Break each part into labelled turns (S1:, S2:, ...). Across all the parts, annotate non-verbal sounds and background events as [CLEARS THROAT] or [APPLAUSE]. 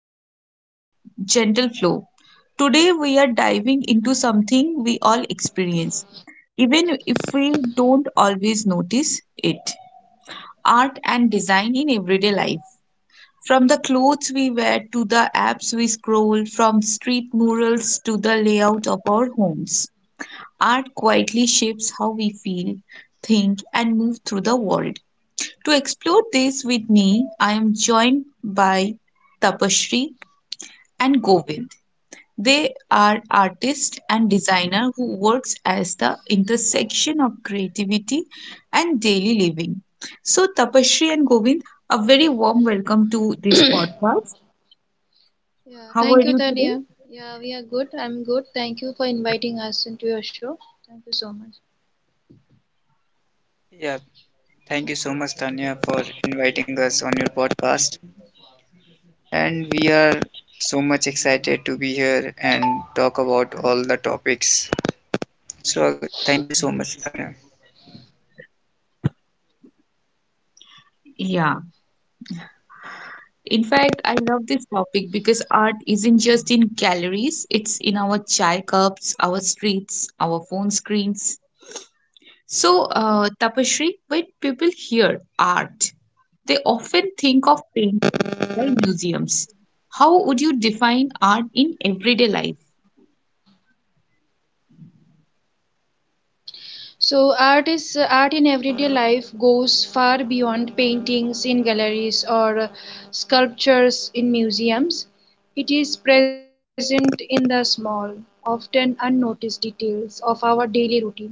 S1: welcome to Gentle Flow. Today, we are diving into something we all experience, even if we don't always notice it art and design in everyday life. From the clothes we wear to the apps we scroll, from street murals to the layout of our homes, art quietly shapes how we feel, think, and move through the world. To explore this with me, I am joined by Tapashri, and Govind. They are artist and designer who works as the intersection of creativity and daily living. So Tapasri and Govind, a very warm welcome to this podcast.
S2: Yeah,
S1: How are
S2: thank you,
S1: you today?
S2: Tania. Yeah, we are good. I'm good. Thank you for inviting us into your show. Thank you so much.
S3: Yeah, thank you so much, Tanya, for inviting us on your podcast. And we are so much excited to be here and talk about all the topics. So, thank you so much, Tanya.
S1: Yeah. In fact, I love this topic because art isn't just in galleries, it's in our chai cups, our streets, our phone screens. So, Tapashri, when people hear art, they often think of paintings or museums. How would you define art in everyday life?
S2: Art in everyday life goes far beyond paintings in galleries or sculptures in museums. It is present in the small, often unnoticed details of our daily routines.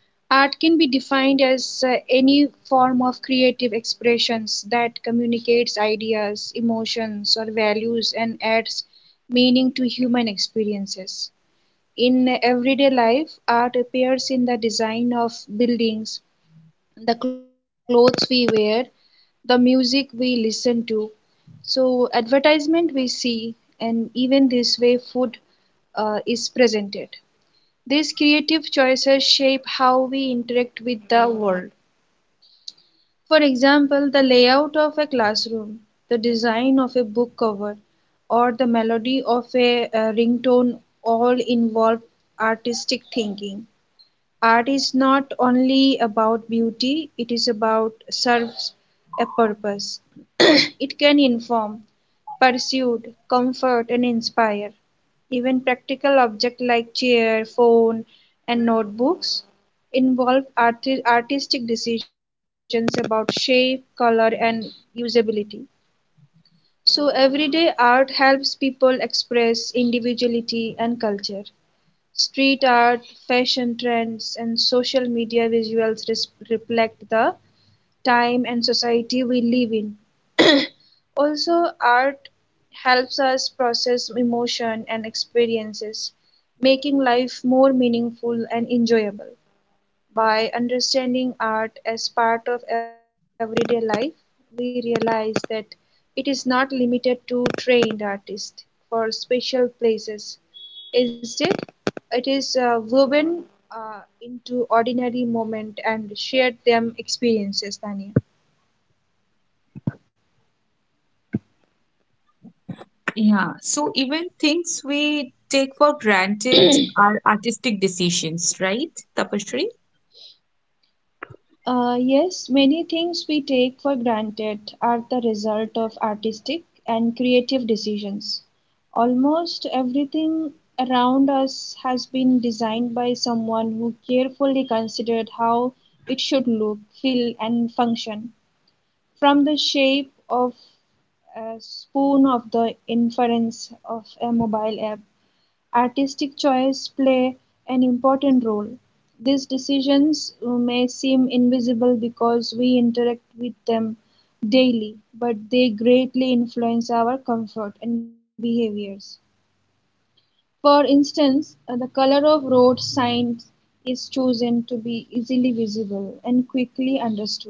S2: Art can be defined as any form of creative expressions that communicates ideas, emotions, or values and adds meaning to human experiences. In everyday life, art appears in the design of buildings, the clothes we wear, the music we listen to, so advertisement we see, and even this way food is presented. These creative choices shape how we interact with the world. For example, the layout of a classroom, the design of a book cover, or the melody of a, ringtone all involve artistic thinking. Art is not only about beauty, it is about serves a purpose. [CLEARS THROAT] It can inform, persuade, comfort and inspire. Even practical objects like chair, phone and notebooks involve artistic decisions about shape, color and usability. So everyday art helps people express individuality and culture. Street art, fashion trends, and social media visuals reflect the time and society we live in. [CLEARS THROAT] Also, art helps us process emotion and experiences, making life more meaningful and enjoyable. By understanding art as part of everyday life, we realize that it is not limited to trained artists for special places. Instead, it is woven into ordinary moment and shared them experiences, Tanya.
S1: Yeah, so even things we take for granted are artistic decisions, right, Tapashri?
S2: Yes, many things we take for granted are the result of artistic and creative decisions. Almost everything around us has been designed by someone who carefully considered how it should look, feel, and function. From the shape of a spoon of the inference of a mobile app, artistic choices play an important role. These decisions may seem invisible because we interact with them daily, but they greatly influence our comfort and behaviors. For instance, the color of road signs is chosen to be easily visible and quickly understood.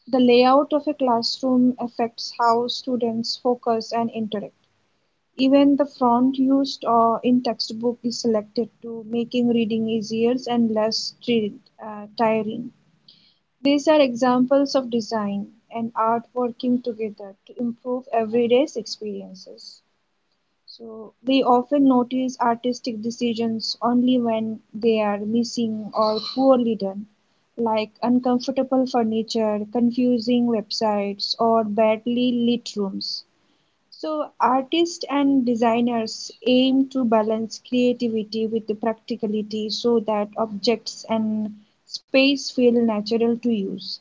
S2: The layout of a classroom affects how students focus and interact. Even the font used in textbook is selected to making reading easier and less tiring. These are examples of design and art working together to improve everyday's experiences. So we often notice artistic decisions only when they are missing or poorly done, like uncomfortable furniture, confusing websites, or badly lit rooms. So, artists and designers aim to balance creativity with the practicality so that objects and space feel natural to use.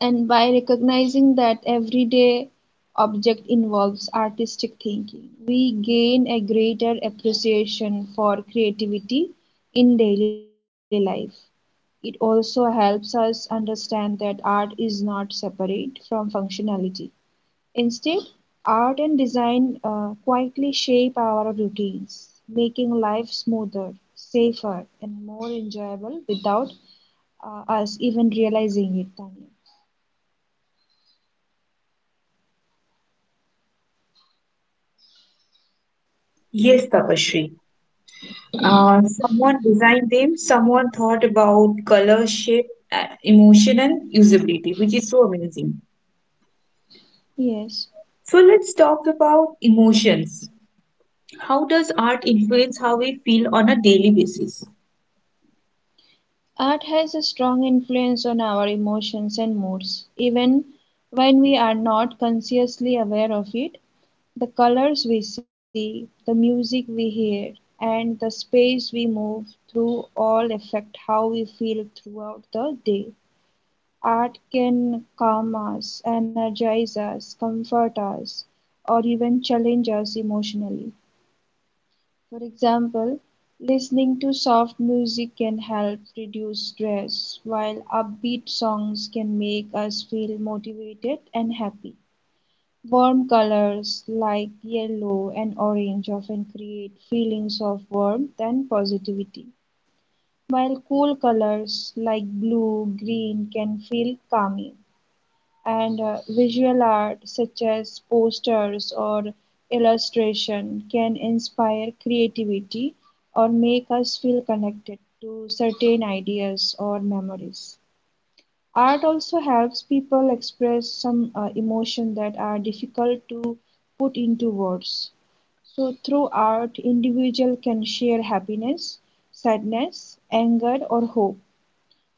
S2: And by recognizing that everyday object involves artistic thinking, we gain a greater appreciation for creativity in daily life. It also helps us understand that art is not separate from functionality. Instead, art and design quietly shape our routines, making life smoother, safer, and more enjoyable without us even realizing it, Tanya.
S1: Yes, Tapashri. Someone designed them, someone thought about color, shape, emotion, and usability, which is so amazing.
S2: Yes,
S1: So let's talk about emotions. How does art influence how we feel on a daily basis?
S2: art has a strong influence on our emotions and moods. Even when we are not consciously aware of it, the colors we see, the music we hear, and the space we move through all affect how we feel throughout the day. Art can calm us, energize us, comfort us, or even challenge us emotionally. For example, listening to soft music can help reduce stress, while upbeat songs can make us feel motivated and happy. Warm colors like yellow and orange often create feelings of warmth and positivity, while cool colors like blue, green can feel calming, and visual art such as posters or illustration can inspire creativity or make us feel connected to certain ideas or memories. Art also helps people express some emotion that are difficult to put into words. So through art, individual can share happiness, sadness, anger or hope.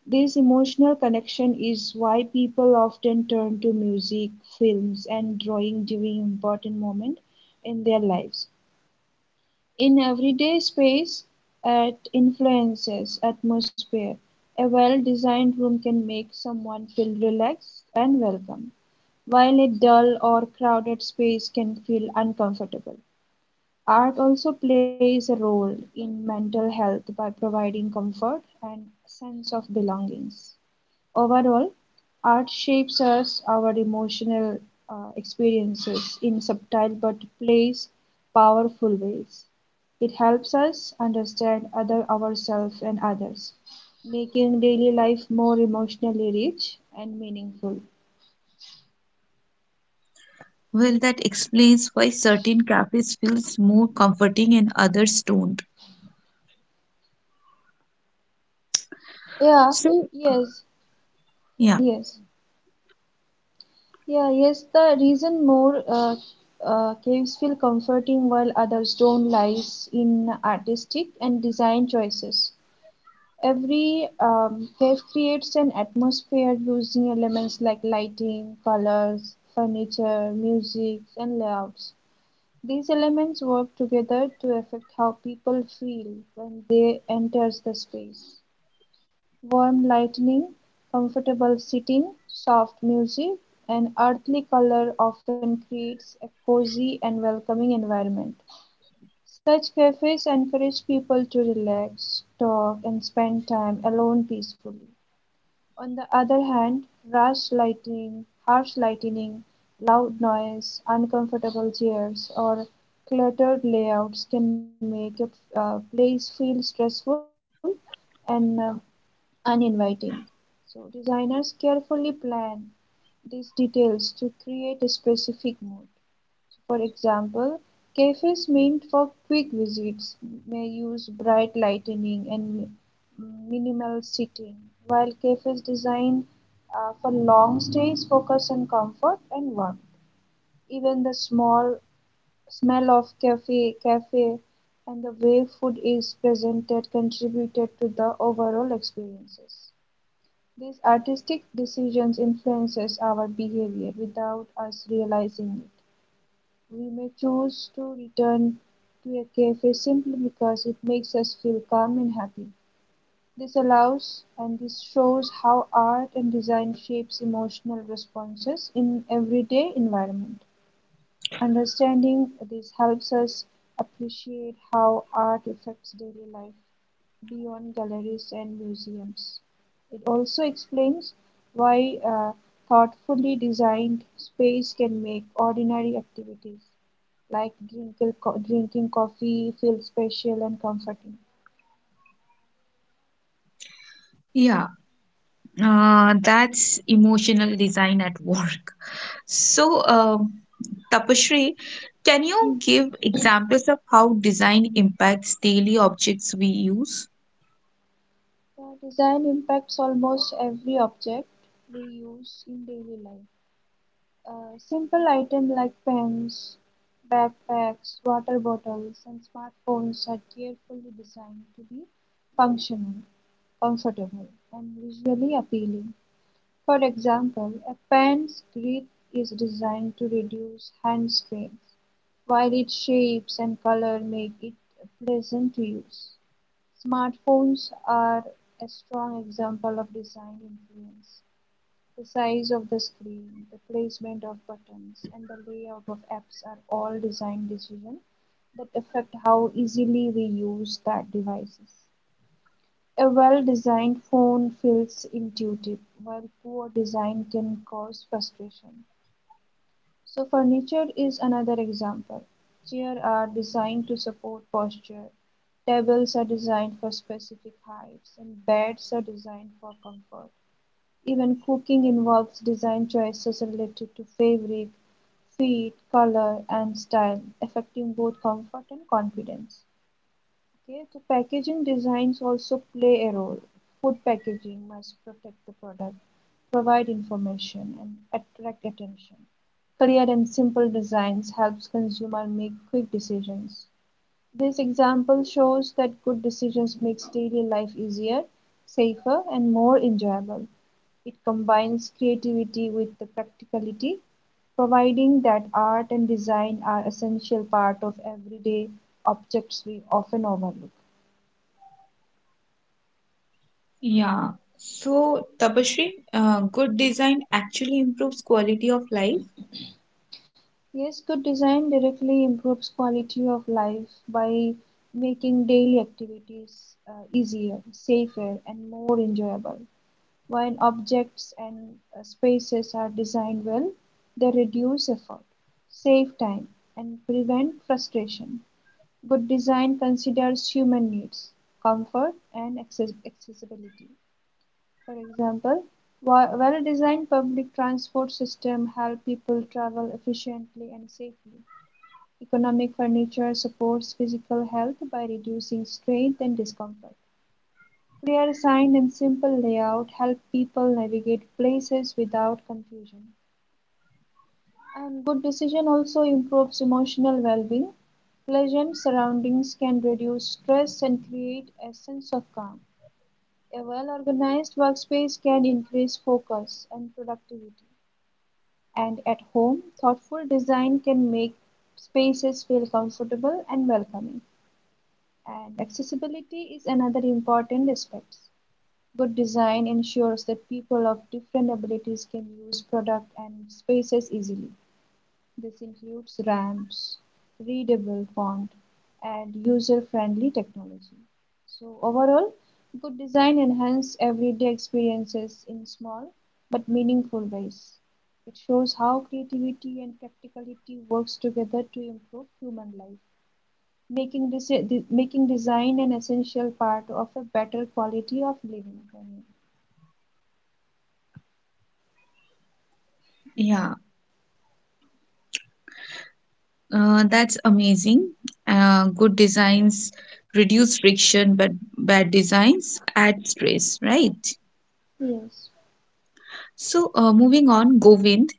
S2: This emotional connection is why people often turn to music, films, and drawing during important moments in their lives. In everyday space, it influences atmosphere. A well-designed room can make someone feel relaxed and welcome, while a dull or crowded space can feel uncomfortable. Art also plays a role in mental health by providing comfort and sense of belongings. Overall, art shapes us, our emotional experiences in subtle but place powerful ways. It helps us understand other ourselves and others, making daily life more emotionally rich and meaningful.
S1: Well, that explains why certain cafes feels more comforting and others don't.
S2: Yeah,
S1: So,
S2: yes,
S1: Yeah,
S2: yes. Yeah, yes, the reason more caves feel comforting while others don't lies in artistic and design choices. Every cave creates an atmosphere using elements like lighting, colors, furniture, music, and layouts. These elements work together to affect how people feel when they enter the space. Warm lighting, comfortable seating, soft music, and earthly color often creates a cozy and welcoming environment. Such cafes encourage people to relax, talk, and spend time alone peacefully. On the other hand, harsh lighting, loud noise, uncomfortable chairs, or cluttered layouts can make a place feel stressful and uninviting. So, designers carefully plan these details to create a specific mood. For example, cafes meant for quick visits may use bright lighting and minimal seating, while cafes designed for long stays focus on comfort and warmth. Even the small smell of cafe and the way food is presented contributed to the overall experiences. These artistic decisions influences our behavior without us realizing it. We may choose to return to a cafe simply because it makes us feel calm and happy. This allows and this shows how art and design shapes emotional responses in everyday environment. Understanding this helps us appreciate how art affects daily life beyond galleries and museums. It also explains why thoughtfully designed space can make ordinary activities like drinking coffee feel special and comforting.
S1: yeah, that's emotional design at work. [LAUGHS] So, um Tapashri, can you give examples of how design impacts daily objects we use?
S2: The design impacts almost every object we use in daily life. Simple items like pens, backpacks, water bottles, and smartphones are carefully designed to be functional, comfortable, and visually appealing. For example, a pen's grip is designed to reduce hand strains, while its shapes and color make it pleasant to use. Smartphones are a strong example of design influence. The size of the screen, the placement of buttons, and the layout of apps are all design decisions that affect how easily we use that devices. A well-designed phone feels intuitive, while poor design can cause frustration. So furniture is another example. Chairs are designed to support posture, tables are designed for specific heights, and beds are designed for comfort. Even cooking involves design choices related to fabric, fit, color, and style, affecting both comfort and confidence. Okay, so packaging designs also play a role. Food packaging must protect the product, provide information, and attract attention. Clear and simple designs helps consumer make quick decisions. This example shows that good decisions makes daily life easier, safer and more enjoyable. It combines creativity with the practicality, providing that art and design are essential part of everyday objects we often overlook.
S1: Yeah. So, Tapashri, good design actually improves quality of life.
S2: Yes, good design directly improves quality of life by making daily activities easier, safer, and more enjoyable. When objects and spaces are designed well, they reduce effort, save time, and prevent frustration. Good design considers human needs, comfort, and accessibility. For example, well-designed public transport system help people travel efficiently and safely. Economic furniture supports physical health by reducing strain and discomfort. They are signed in simple layout, help people navigate places without confusion. And good decision also improves emotional well-being. Pleasant surroundings can reduce stress and create a sense of calm. A well-organized workspace can increase focus and productivity. And at home, thoughtful design can make spaces feel comfortable and welcoming. And accessibility is another important aspect. Good design ensures that people of different abilities can use products and spaces easily. This includes ramps, readable font, and user-friendly technology. So overall, good design enhances everyday experiences in small but meaningful ways. It shows how creativity and practicality works together to improve human life, making, making design an essential part of a better quality of living.
S1: Yeah, that's amazing. Good designs reduce friction, but bad designs add stress, right?
S2: Yes.
S1: So, moving on, Govind,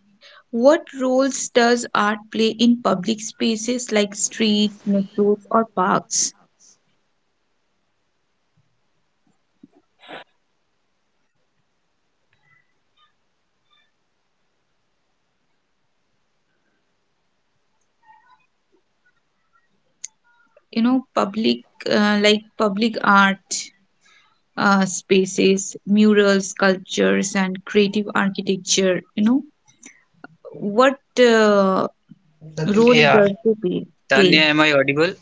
S1: what roles does art play in public spaces like streets, metros, or parks? You know, public art. Spaces, murals, sculptures, and creative architecture. You know, what role does
S3: Yeah,
S1: they play? Play?
S3: Tanya, am I audible?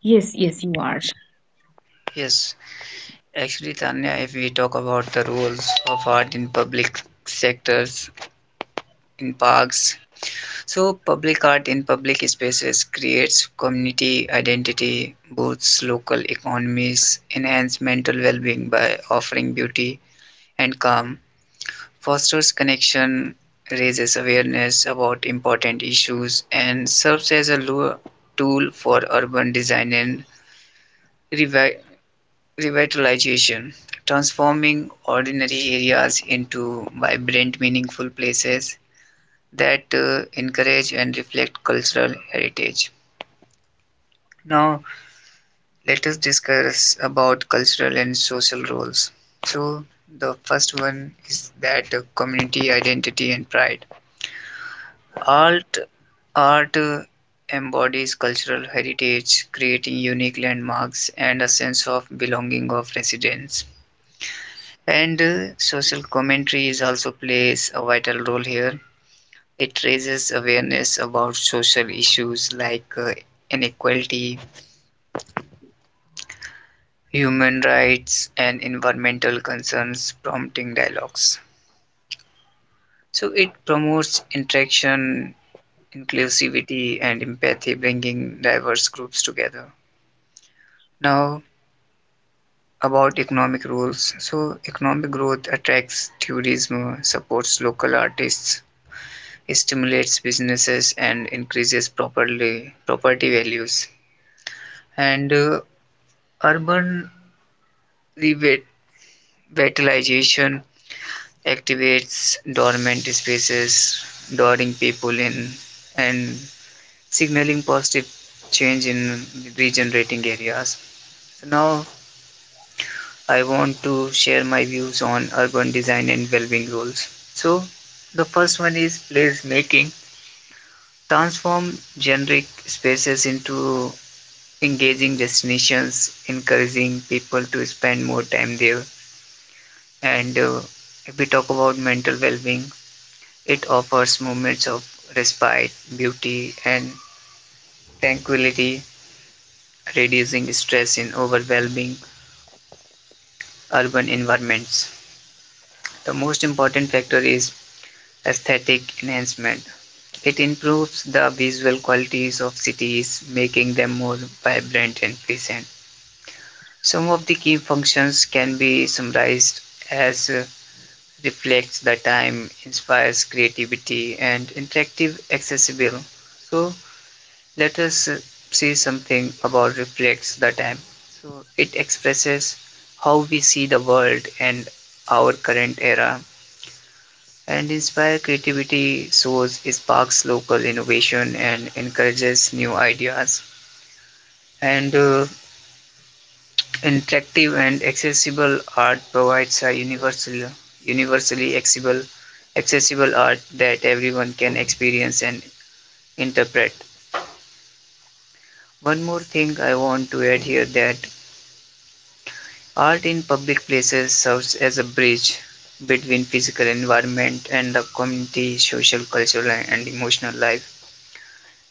S1: Yes, yes, you are.
S3: Yes, actually, Tanya, if we talk about the roles of art in public sectors, in parks, So, public art in public spaces creates community identity, boosts local economies, enhances mental well being by offering beauty and calm, fosters connection, raises awareness about important issues, and serves as a lure tool for urban design and revi- revitalization, transforming ordinary areas into vibrant, meaningful places that encourage and reflect cultural heritage. Now let us discuss about cultural and social roles. So the first one is that community identity and pride. Art art embodies cultural heritage, creating unique landmarks and a sense of belonging of residents. And social commentary is also plays a vital role here. It raises awareness about social issues like inequality, human rights, and environmental concerns, prompting dialogues. So it promotes interaction, inclusivity, and empathy, bringing diverse groups together. Now, about economic rules. So, economic growth attracts tourism, supports local artists, stimulates businesses, and increases properly, property values. And urban revitalization activates dormant spaces, luring people in and signaling positive change in regenerating areas. So now I want to share my views on urban design and well-being goals. So the first one is place making. Transform generic spaces into engaging destinations, encouraging people to spend more time there. And if we talk about mental well-being, it offers moments of respite, beauty, and tranquility, reducing stress in overwhelming urban environments. The most important factor is aesthetic enhancement. It improves the visual qualities of cities, making them more vibrant and pleasant. Some of the key functions can be summarized as reflects the time, inspires creativity, and interactive accessible. So let us see something about reflects the time. So it expresses how we see the world and our current era and inspire creativity, source sparks local innovation and encourages new ideas. And interactive and accessible art provides a universally accessible, accessible art that everyone can experience and interpret. One more thing I want to add here that art in public places serves as a bridge between physical environment and the community, social, cultural, and emotional life.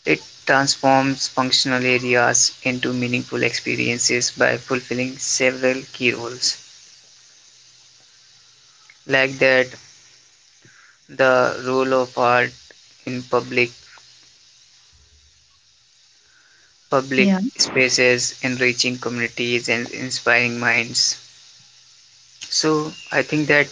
S3: It transforms functional areas into meaningful experiences by fulfilling several key roles. Like that, the role of art in public
S1: Yeah.
S3: spaces, enriching communities and inspiring minds. So I think that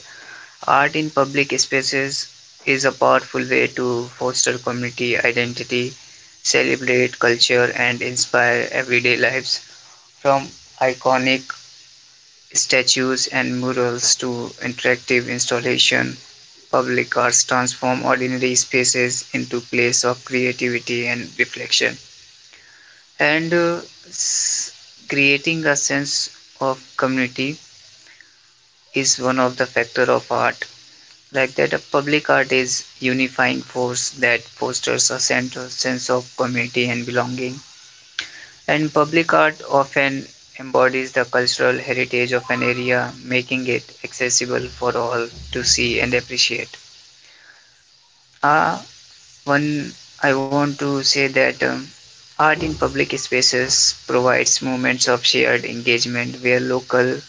S3: art in public spaces is a powerful way to foster community identity, celebrate culture, and inspire everyday lives. From iconic statues and murals to interactive installation, public arts transform ordinary spaces into place of creativity and reflection. And creating a sense of community is one of the factor of art. Like that, a public art is unifying force that fosters a central sense of community and belonging. And public art often embodies the cultural heritage of an area, making it accessible for all to see and appreciate. Uh, one, I want to say that art in public spaces provides moments of shared engagement where locals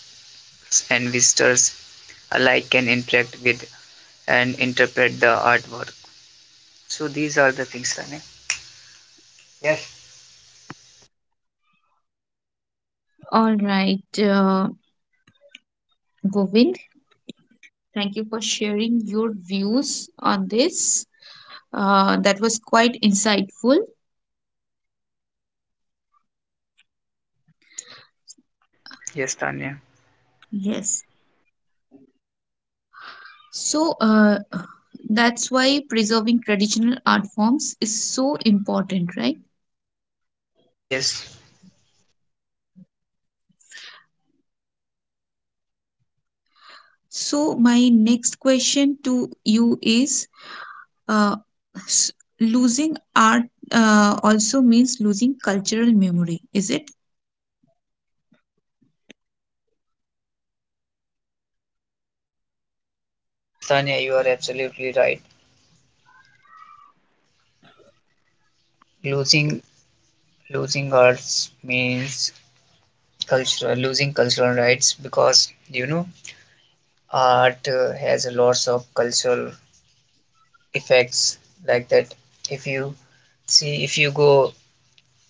S3: and visitors alike can interact with and interpret the artwork. So these are the things, Tanya.
S1: All right, Govind, thank you for sharing your views on this. That was quite insightful.
S3: Yes, Tanya.
S1: Yes. So, that's why preserving traditional art forms is so important, right?
S3: Yes.
S1: So, my next question to you is Uh, s- losing art also means losing cultural memory, is it?
S3: Yes, Tanya, you are absolutely right. Losing losing arts means cultural losing cultural rights, because you know art has a lots of cultural effects like that. If you if you go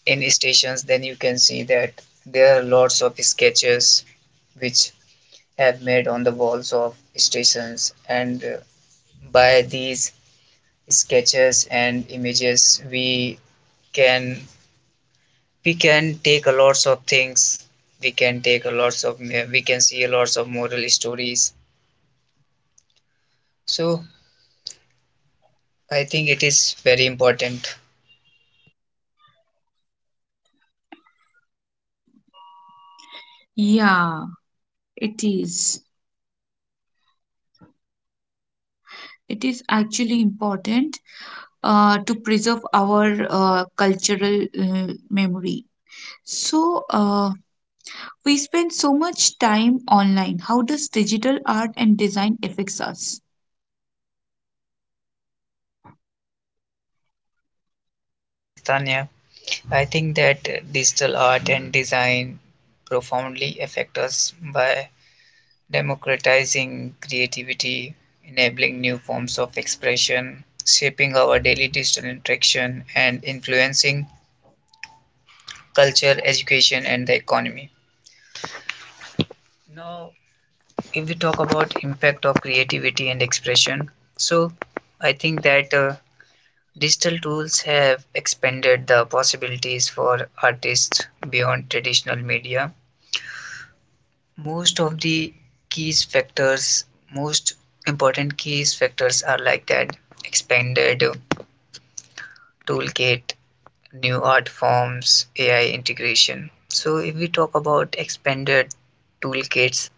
S3: in stations, then you can see that there are lots of sketches which have made on the walls of stations, and by these sketches and images can we can take a lots of things we can take a lots of we can see a lots of moral stories. So I think it is very important.
S1: Yeah, it is. It is actually important to preserve our cultural memory. So, we spend so much time online. How does digital art and design affects us?
S3: Yes, Tanya, I think that digital art and design profoundly affect us by democratizing creativity, enabling new forms of expression, shaping our daily digital interaction and influencing culture, education and the economy. Now, if we talk about impact of creativity and expression, so I think that digital tools have expanded the possibilities for artists beyond traditional media. Most of the keys factors, most important keys factors are like that: expanded toolkit, new art forms, AI integration. So, if we talk about expanded toolkits,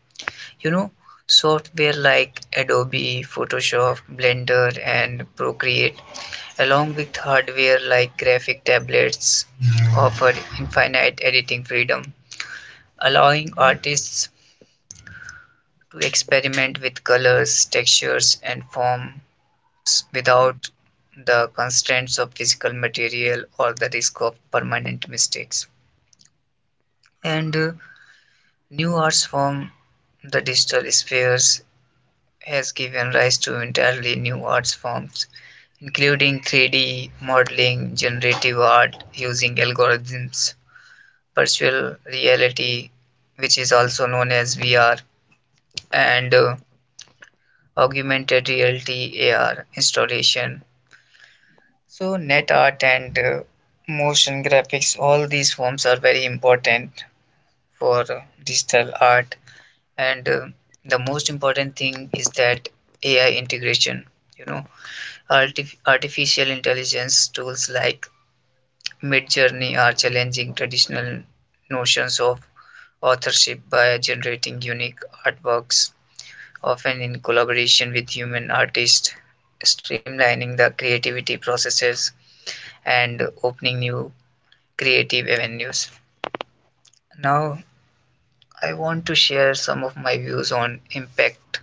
S3: you know, software like adobe photoshop blender and procreate, along with hardware like graphic tablets, offer infinite editing freedom, allowing artists to experiment with colors, textures and forms without the constraints of physical material or the risk of permanent mistakes. And new arts form, the digital spheres has given rise to entirely new art forms, including 3D modeling, generative art using algorithms, virtual reality, which is also known as VR, and augmented reality AR installation. So, net art and motion graphics, all these forms are very important for digital art. And the most important thing is that AI integration. You know, artificial intelligence tools like Midjourney are challenging traditional notions of authorship by generating unique artworks, often in collaboration with human artists, streamlining the creativity processes and opening new creative avenues. Now, I want to share some of my views on impact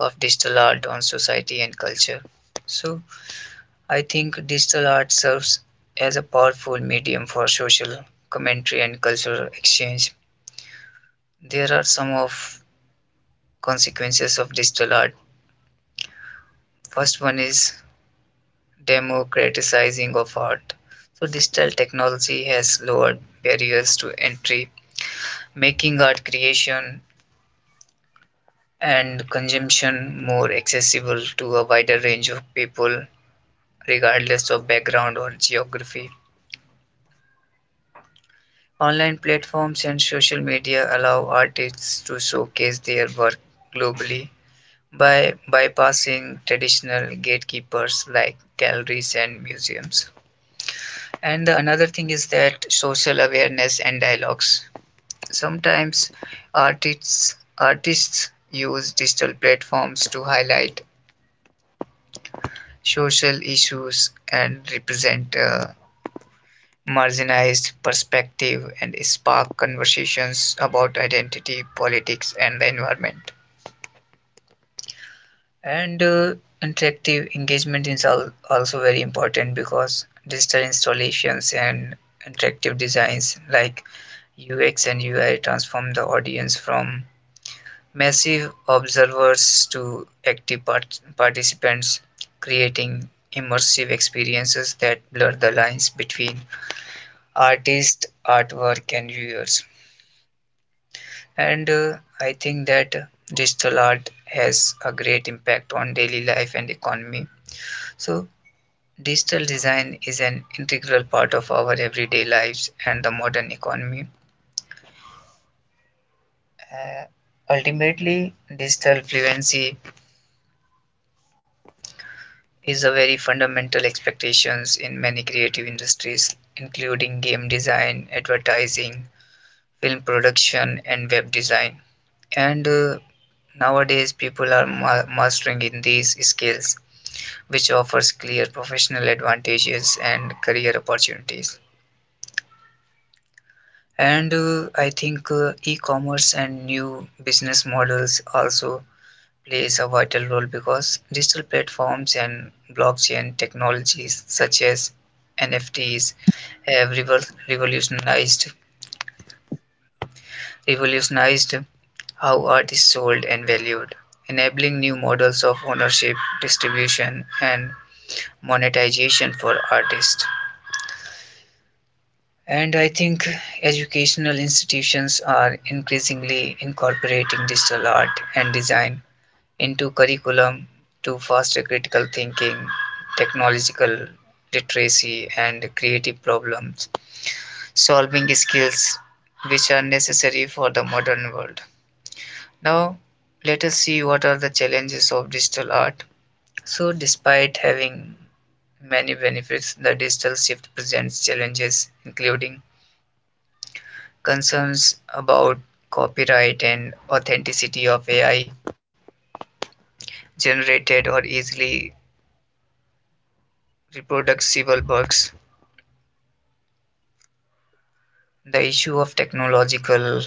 S3: of digital art on society and culture. So, I think digital art serves as a powerful medium for social commentary and cultural exchange. There are some of consequences of digital art. First one is democratizing of art. So digital technology has lowered barriers to entry, making art creation and consumption more accessible to a wider range of people regardless of background or geography. Online platforms and social media allow artists to showcase their work globally by bypassing traditional gatekeepers like galleries and museums. And the another thing is that social awareness and dialogues. Sometimes artists use digital platforms to highlight social issues and represent marginalized perspective and spark conversations about identity, politics, and the environment. And interactive engagement is also very important because digital installations and interactive designs like UX and UI transform the audience from massive observers to participants, creating immersive experiences that blur the lines between artist, artwork, and viewers. And I think that digital art has a great impact on daily life and economy. So, digital design is an integral part of our everyday lives and the modern economy. Ultimately, digital fluency is a very fundamental expectations in many creative industries, including game design, advertising, film production, and web design. And nowadays, people are mastering in these skills, which offers clear professional advantages and career opportunities. And I think e-commerce and new business models also plays a vital role, because digital platforms and blockchain technologies such as NFTs have revolutionized how art is sold and valued, enabling new models of ownership, distribution, and monetization for artists. And I think educational institutions are increasingly incorporating digital art and design into curriculum to foster critical thinking, technological literacy, and creative problem solving skills which are necessary for the modern world. Now, let us see what are the challenges of digital art. So, despite having many benefits, the digital shift presents challenges including concerns about copyright and authenticity of AI generated or easily reproducible works. The issue of technological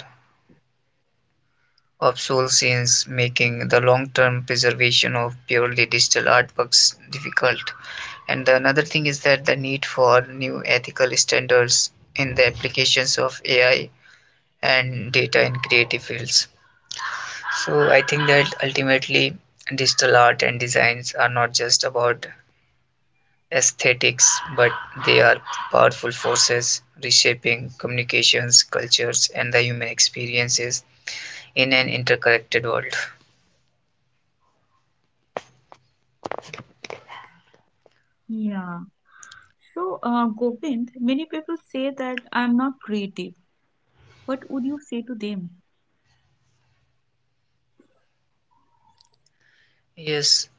S3: obsolescence making the long-term preservation of purely digital artworks difficult. And the another thing is that the need for new ethical standards in the applications of AI and data in creative fields. So I think that ultimately digital art and designs are not just about aesthetics, but they are powerful forces reshaping communications, cultures, and the human experiences in an interconnected world.
S1: Yeah. So, Govind, many people say that I'm not creative. What would you say to them?
S3: Yes,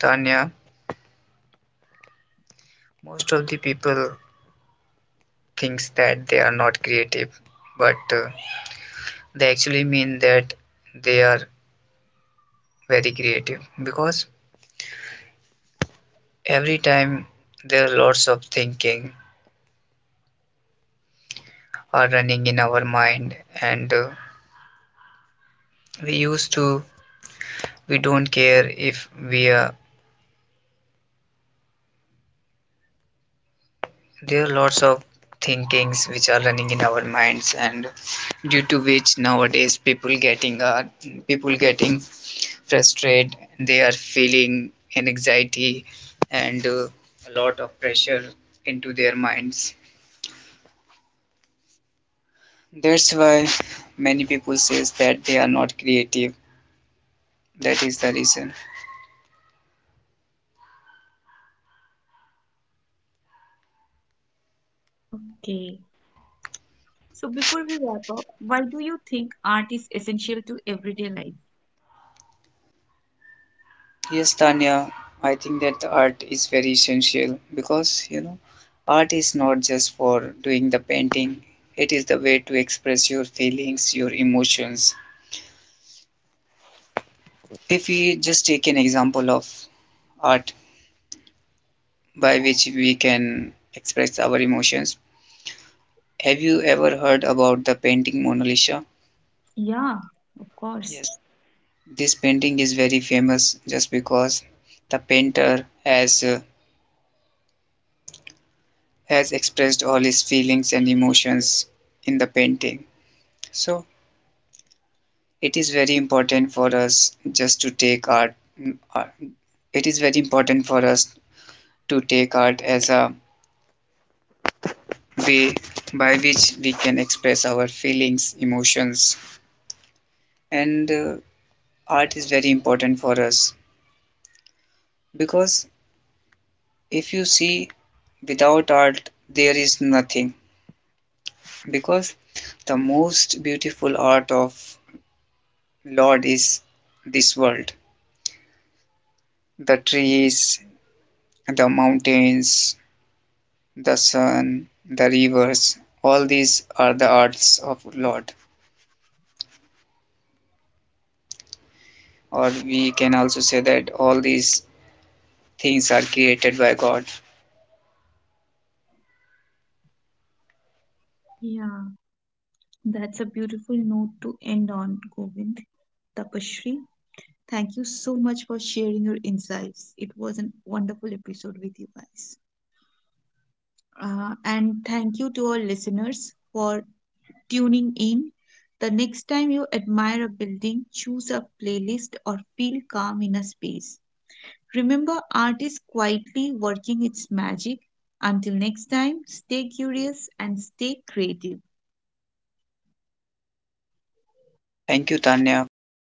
S3: Tanya, most of the people thinks that they are not creative, but they actually mean that they are very creative, because every time there are lots of thinking are running in our mind. And we used to we don't care if we there are lots of thinkings which are running in our minds, and due to which nowadays people getting frustrated. They are feeling anxiety and a lot of pressure into their minds. That's why many people says that they are not creative. That is the reason.
S1: Okay. So before we wrap up, why do you think art is essential to everyday life?
S3: Yes, Tanya, I think that the art is very essential, because you know, art is not just for doing the painting, it is the way to express your feelings, your emotions. If we just take an example of art by which we can express our emotions, have you ever heard about the painting Mona Lisa?
S1: Yeah, of course.
S3: Yes, this painting is very famous just because the painter has has expressed all his feelings and emotions in the painting. So it is very important for us just to take art- it is very important for us to take art as a way by which we can express our feelings, emotions, and art is very important for us, because if you see, without art there is nothing, because the most beautiful art of lord is this world, the trees, the mountains, the sun, the rivers, all these are the arts of Lord. Or we can also say that all these things are created by God.
S1: Yeah, that's a beautiful note to end on, Govind. Tapashri, thank you so much for sharing your insights. It was a wonderful episode with you guys. And thank you to our listeners for tuning in. The next time you admire a building, choose a playlist or feel calm in a space. Remember, art is quietly working its magic. Until next time, stay curious and stay creative.
S3: Thank you, Tanya, for